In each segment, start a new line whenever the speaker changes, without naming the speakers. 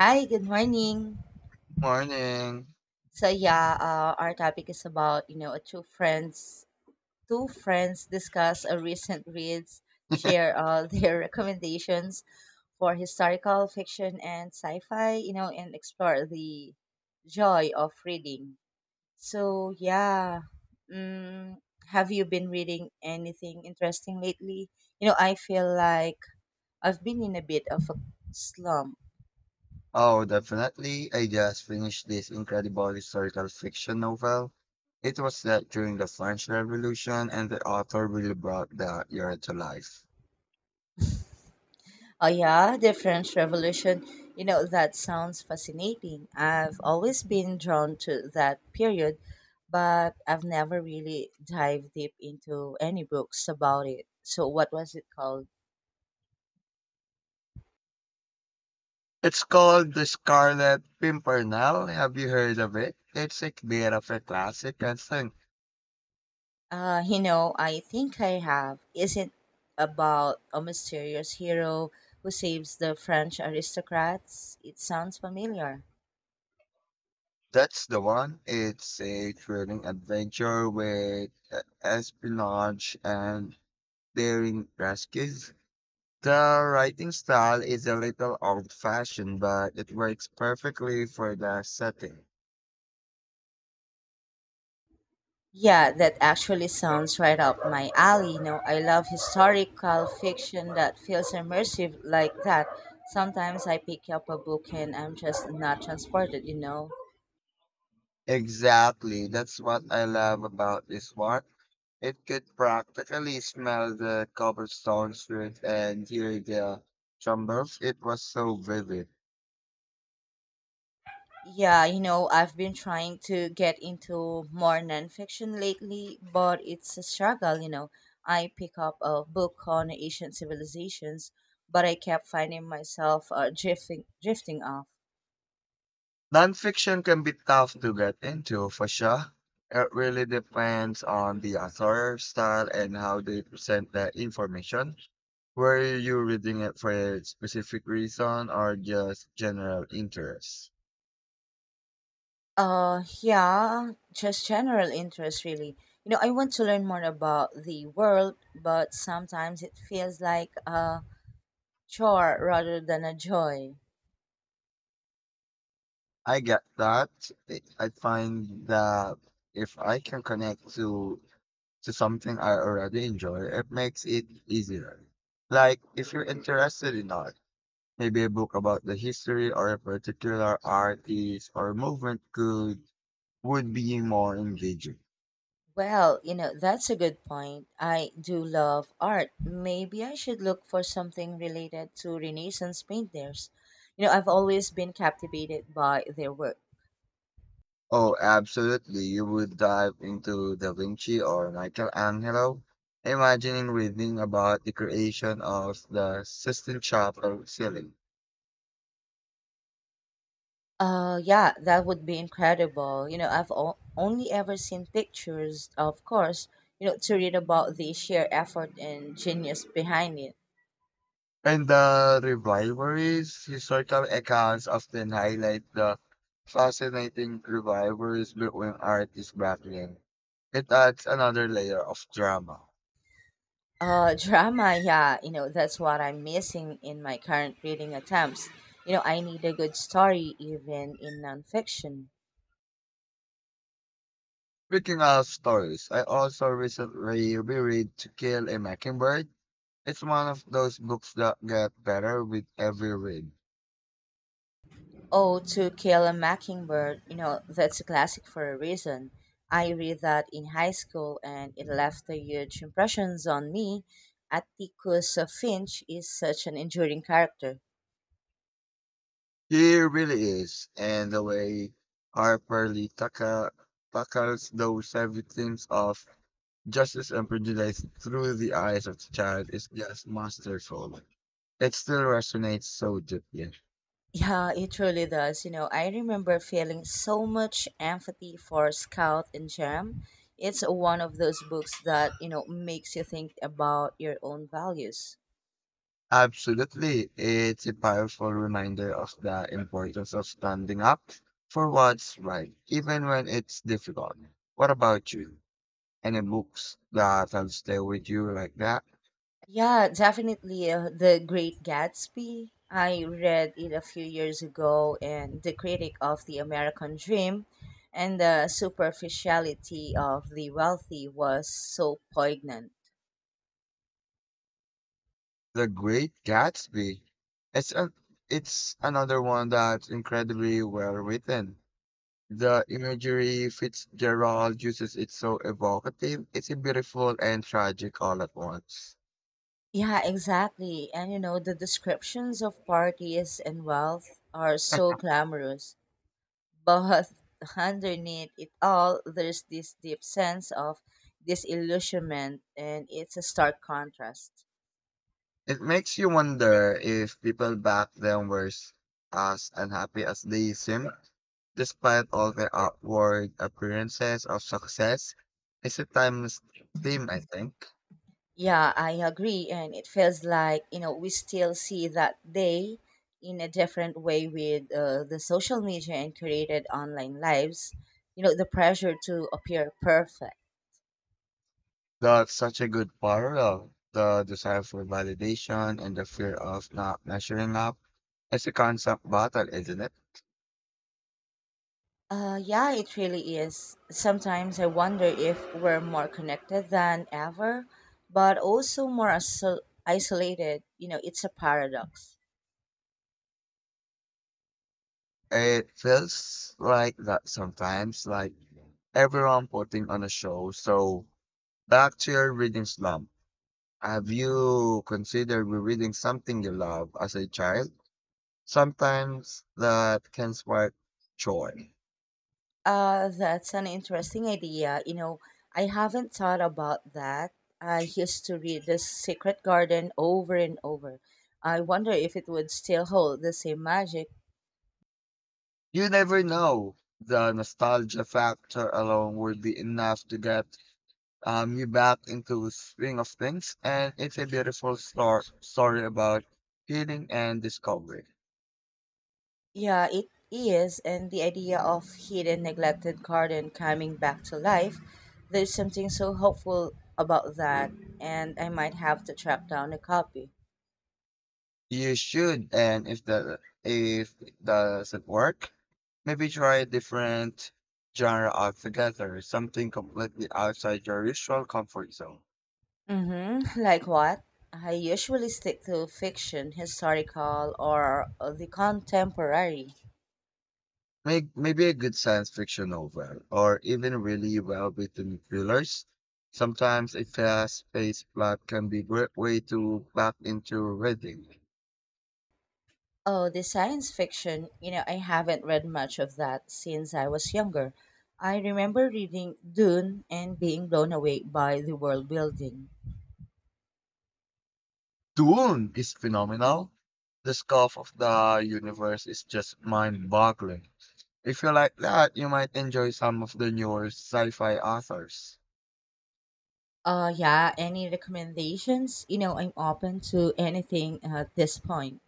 Hi, good morning.
Morning.
Our topic is about a two friends discuss a recent reads, share their recommendations for historical fiction and sci-fi, you know, and explore the joy of reading. So yeah, mm, have you been reading anything interesting lately? You know, I feel like I've been in a bit of a slump.
Oh, definitely. I just finished this incredible historical fiction novel. It was set during the French Revolution, and the author really brought the era to life.
Oh yeah, the French revolution. You know, that sounds fascinating. I've always been drawn to that period, but I've never really dived deep into any books about it. So what was it called?
It's called The Scarlet Pimpernel. Have you heard of it? It's a bit of a classic, I think.
You know, I think I have. Isn't about a mysterious hero who saves the French aristocrats? It sounds familiar.
That's the one. It's a thrilling adventure with espionage and daring rescues. The writing style is a little old fashioned, but it works perfectly for the setting.
Yeah, that actually sounds right up my alley. You know, I love historical fiction that feels immersive like that. Sometimes I pick up a book and I'm just not transported, you know.
Exactly. That's what I love about this one. It could practically smell the cobblestone street and hear the trembles. It was so vivid.
Yeah, you know, I've been trying to get into more nonfiction lately, but it's a struggle, you know. I pick up a book on ancient civilizations, but I kept finding myself drifting off.
Nonfiction can be tough to get into, for sure. It really depends on the author's style and how they present the information. Were you reading it for a specific reason or just general interest?
Yeah, just general interest, really. You know, I want to learn more about the world, but sometimes it feels like a chore rather than a joy.
I get that. I find that if I can connect to something I already enjoy, it makes it easier. Like if you're interested in art, maybe a book about the history or a particular artist or movement could would be more engaging.
Well, you know, that's a good point. I do love art. Maybe I should look for something related to Renaissance painters. You know, I've always been captivated by their work.
Oh, absolutely. You would dive into Da Vinci or Michelangelo, imagining reading about the creation of the Sistine Chapel ceiling.
Yeah, that would be incredible. You know, only ever seen pictures, of course, you know, to read about the sheer effort and genius behind it.
And the rivalries, historical accounts often highlight the fascinating rivalries between artists back then. It adds another layer of drama.
Drama, yeah, you know, that's what I'm missing in my current reading attempts. You know, I need a good story, even in nonfiction.
Speaking of stories, I also recently reread To Kill a Mockingbird. It's one of those books that get better with every read.
Oh, To Kill a Mockingbird, you know, that's a classic for a reason. I read that in high school and it left a huge impressions on me. Atticus Finch is such an enduring character.
He really is. And the way Harper Lee Tucker tackles those heavy themes of justice and prejudice through the eyes of the child is just masterful. It still resonates so deeply.
Yeah, it truly does. You know, I remember feeling so much empathy for Scout and Jam. It's one of those books that, you know, makes you think about your own values.
Absolutely. It's a powerful reminder of the importance of standing up for what's right, even when it's difficult. What about you? Any books that have stayed with you like that?
Yeah, definitely. The Great Gatsby. I read it a few years ago, and the critic of the American dream and the superficiality of the wealthy was so poignant.
The Great Gatsby. It's a, it's another one that's incredibly well written. The imagery Fitzgerald uses is so evocative. It's beautiful and tragic all at once.
Yeah, exactly. And you know, the descriptions of parties and wealth are so glamorous, but underneath it all, there's this deep sense of disillusionment, and it's a stark contrast.
It makes you wonder if people back then were as unhappy as they seem, despite all their outward appearances of success. It's a timeless theme, I think.
Yeah, I agree. And it feels like, you know, we still see that day in a different way with the social media and created online lives, you know, the pressure to appear perfect.
That's such a good parallel. The desire for validation and the fear of not measuring up. It's a concept battle, isn't it?
Yeah, it really is. Sometimes I wonder if we're more connected than ever, but also isolated. You know, it's a paradox.
It feels like that sometimes, like everyone putting on a show. So back to your reading slump. Have you considered rereading something you love as a child? Sometimes that can spark joy.
That's an interesting idea. You know, I haven't thought about that. I used to read The Secret Garden over and over. I wonder if it would still hold the same magic.
You never know. The nostalgia factor alone would be enough to get you back into swing of things, and it's a beautiful story about healing and discovery.
Yeah, it is, and the idea of hidden, neglected garden coming back to life. There's something so hopeful about that, and I might have to track down a copy.
You should, and if it doesn't work, maybe try a different genre altogether, something completely outside your usual comfort zone.
Mm-hmm. Like what? I usually stick to fiction, historical, or the contemporary.
Maybe a good science fiction novel, or even really well-written thrillers. Sometimes a fast-paced plot can be great way to back into reading.
Oh, the science fiction. You know, I haven't read much of that since I was younger. I remember reading Dune and being blown away by the world building.
The Dune is phenomenal. The scope of the universe is just mind-boggling. If you like that, you might enjoy some of the newer sci-fi authors.
Yeah, any recommendations? You know, I'm open to anything at this point.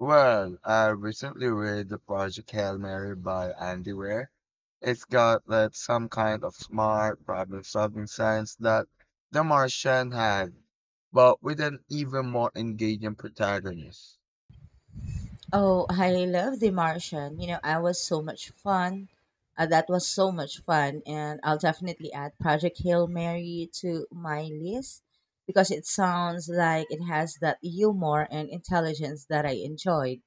Well, I recently read The Project Hail Mary by Andy Weir. It's got that some kind of smart problem-solving science that The Martian had, but with an even more engaging protagonist.
Oh, I love The Martian. You know, I was so much fun. That was so much fun, and I'll definitely add Project Hail Mary to my list because it sounds like it has that humor and intelligence that I enjoyed.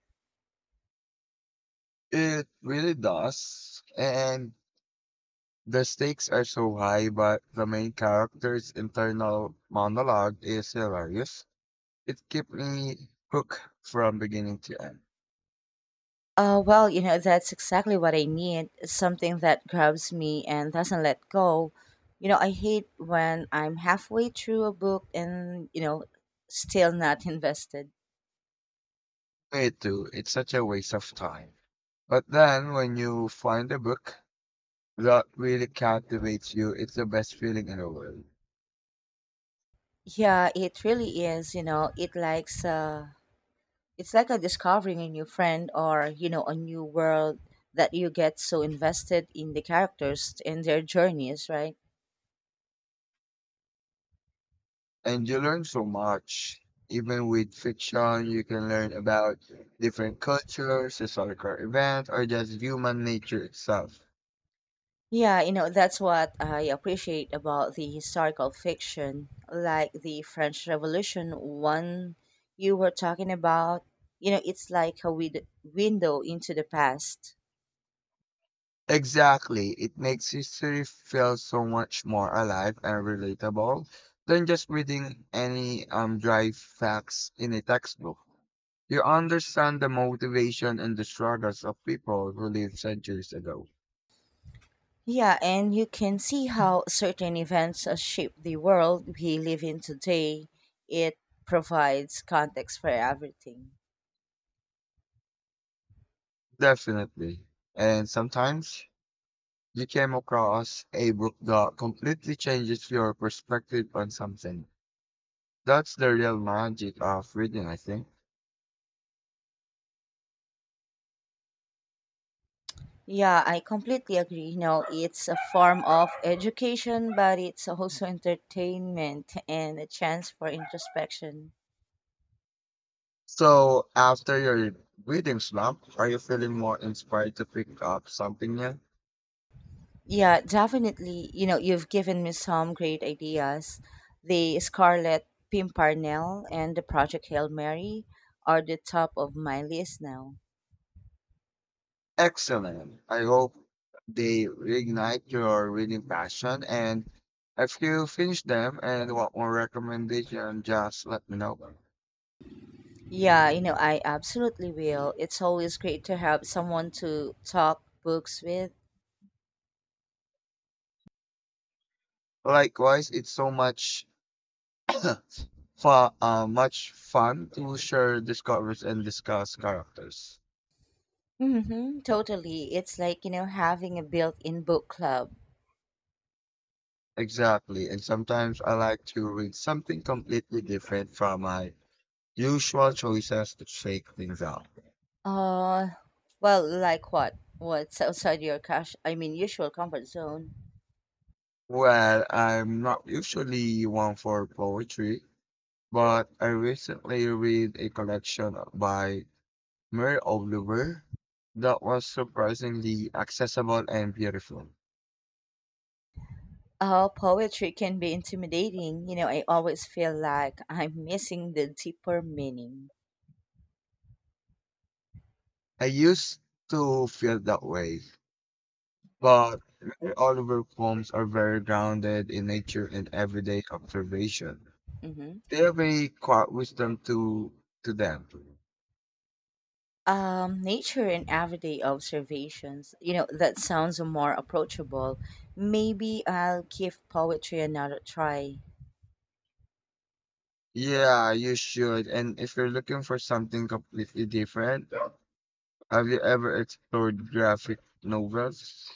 It really does, and the stakes are so high, but the main character's internal monologue is hilarious. It kept me hooked from beginning to end.
Well, you know, that's exactly what I need. Something that grabs me and doesn't let go. You know, I hate when I'm halfway through a book and, you know, still not invested.
Me too, it's such a waste of time. But then when you find a book that really captivates you, it's the best feeling in the world.
Yeah, it really is. You know, it's like a discovering a new friend or, you know, a new world that you get so invested in the characters and their journeys, right?
And you learn so much. Even with fiction, you can learn about different cultures, historical events, or just human nature itself.
Yeah, you know, that's what I appreciate about the historical fiction, like the French Revolution one you were talking about. You know, it's like a window into the past.
Exactly. It makes history feel so much more alive and relatable than just reading any dry facts in a textbook. You understand the motivation and the struggles of people who lived centuries ago.
Yeah, and you can see how certain events shape the world we live in today. It provides context for everything.
Definitely. And sometimes you came across a book that completely changes your perspective on something. That's the real magic of reading, I think.
Yeah, I completely agree. You know, it's a form of education, but it's also entertainment and a chance for introspection.
So, after your reading slump, are you feeling more inspired to pick up something new?
Yeah, definitely. You know, you've given me some great ideas. The Scarlet Pimpernel and the Project Hail Mary are the top of my list now.
Excellent. I hope they reignite your reading passion. And if you finish them and want more recommendation, just let me know.
Yeah, you know, I absolutely will. It's always great to have someone to talk books with.
Likewise, it's so much fun, much fun to share discoveries and discuss characters.
Mm-hmm, totally. It's like, you know, having a built in book club.
Exactly. And sometimes I like to read something completely different from my usual choices to shake things up.
Uh, well, like what? What's outside your cash? I mean, usual comfort zone.
Well, I'm not usually one for poetry, but I recently read a collection by Mary Oliver that was surprisingly accessible and beautiful.
Poetry can be intimidating. You know, I always feel like I'm missing the deeper meaning.
I used to feel that way, but Mary Oliver poems are very grounded in nature and everyday observation.
hmm
They have a quiet wisdom to them.
Nature and everyday observations. You know, that sounds more approachable. Maybe I'll give poetry another try.
Yeah, you should. And if you're looking for something completely different, have you ever explored graphic novels?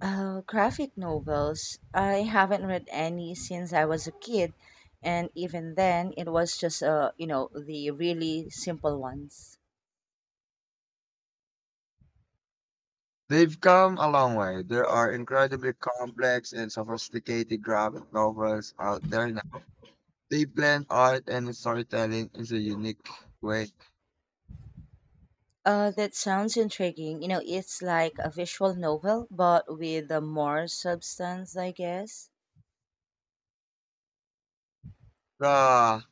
Graphic novels. I haven't read any since I was a kid, and even then, it was just the really simple ones.
They've come a long way. There are incredibly complex and sophisticated graphic novels out there now. They blend art and storytelling in a unique way.
That sounds intriguing. You know, it's like a visual novel, but with a more substance, I guess.
Ah,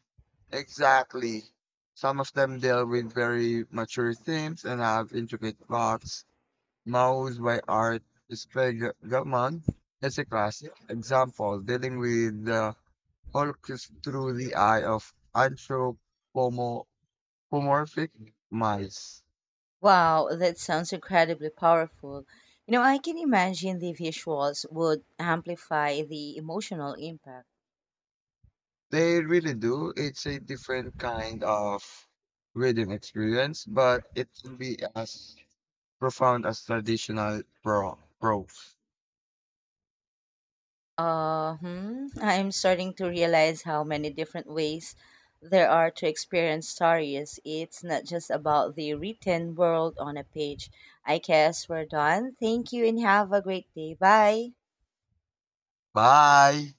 exactly. Some of them deal with very mature themes and have intricate plots. Mouse by Art Spiegelman is a classic example, dealing with the Holocaust through the eye of anthropomorphic mice.
Wow, that sounds incredibly powerful. You know, I can imagine the visuals would amplify the emotional impact.
They really do. It's a different kind of reading experience, but it can be as profound as traditional prose.
Hmm. I'm starting to realize how many different ways there are to experience stories. It's not just about the written world on a page. I guess we're done. Thank you and have a great day. Bye.
Bye!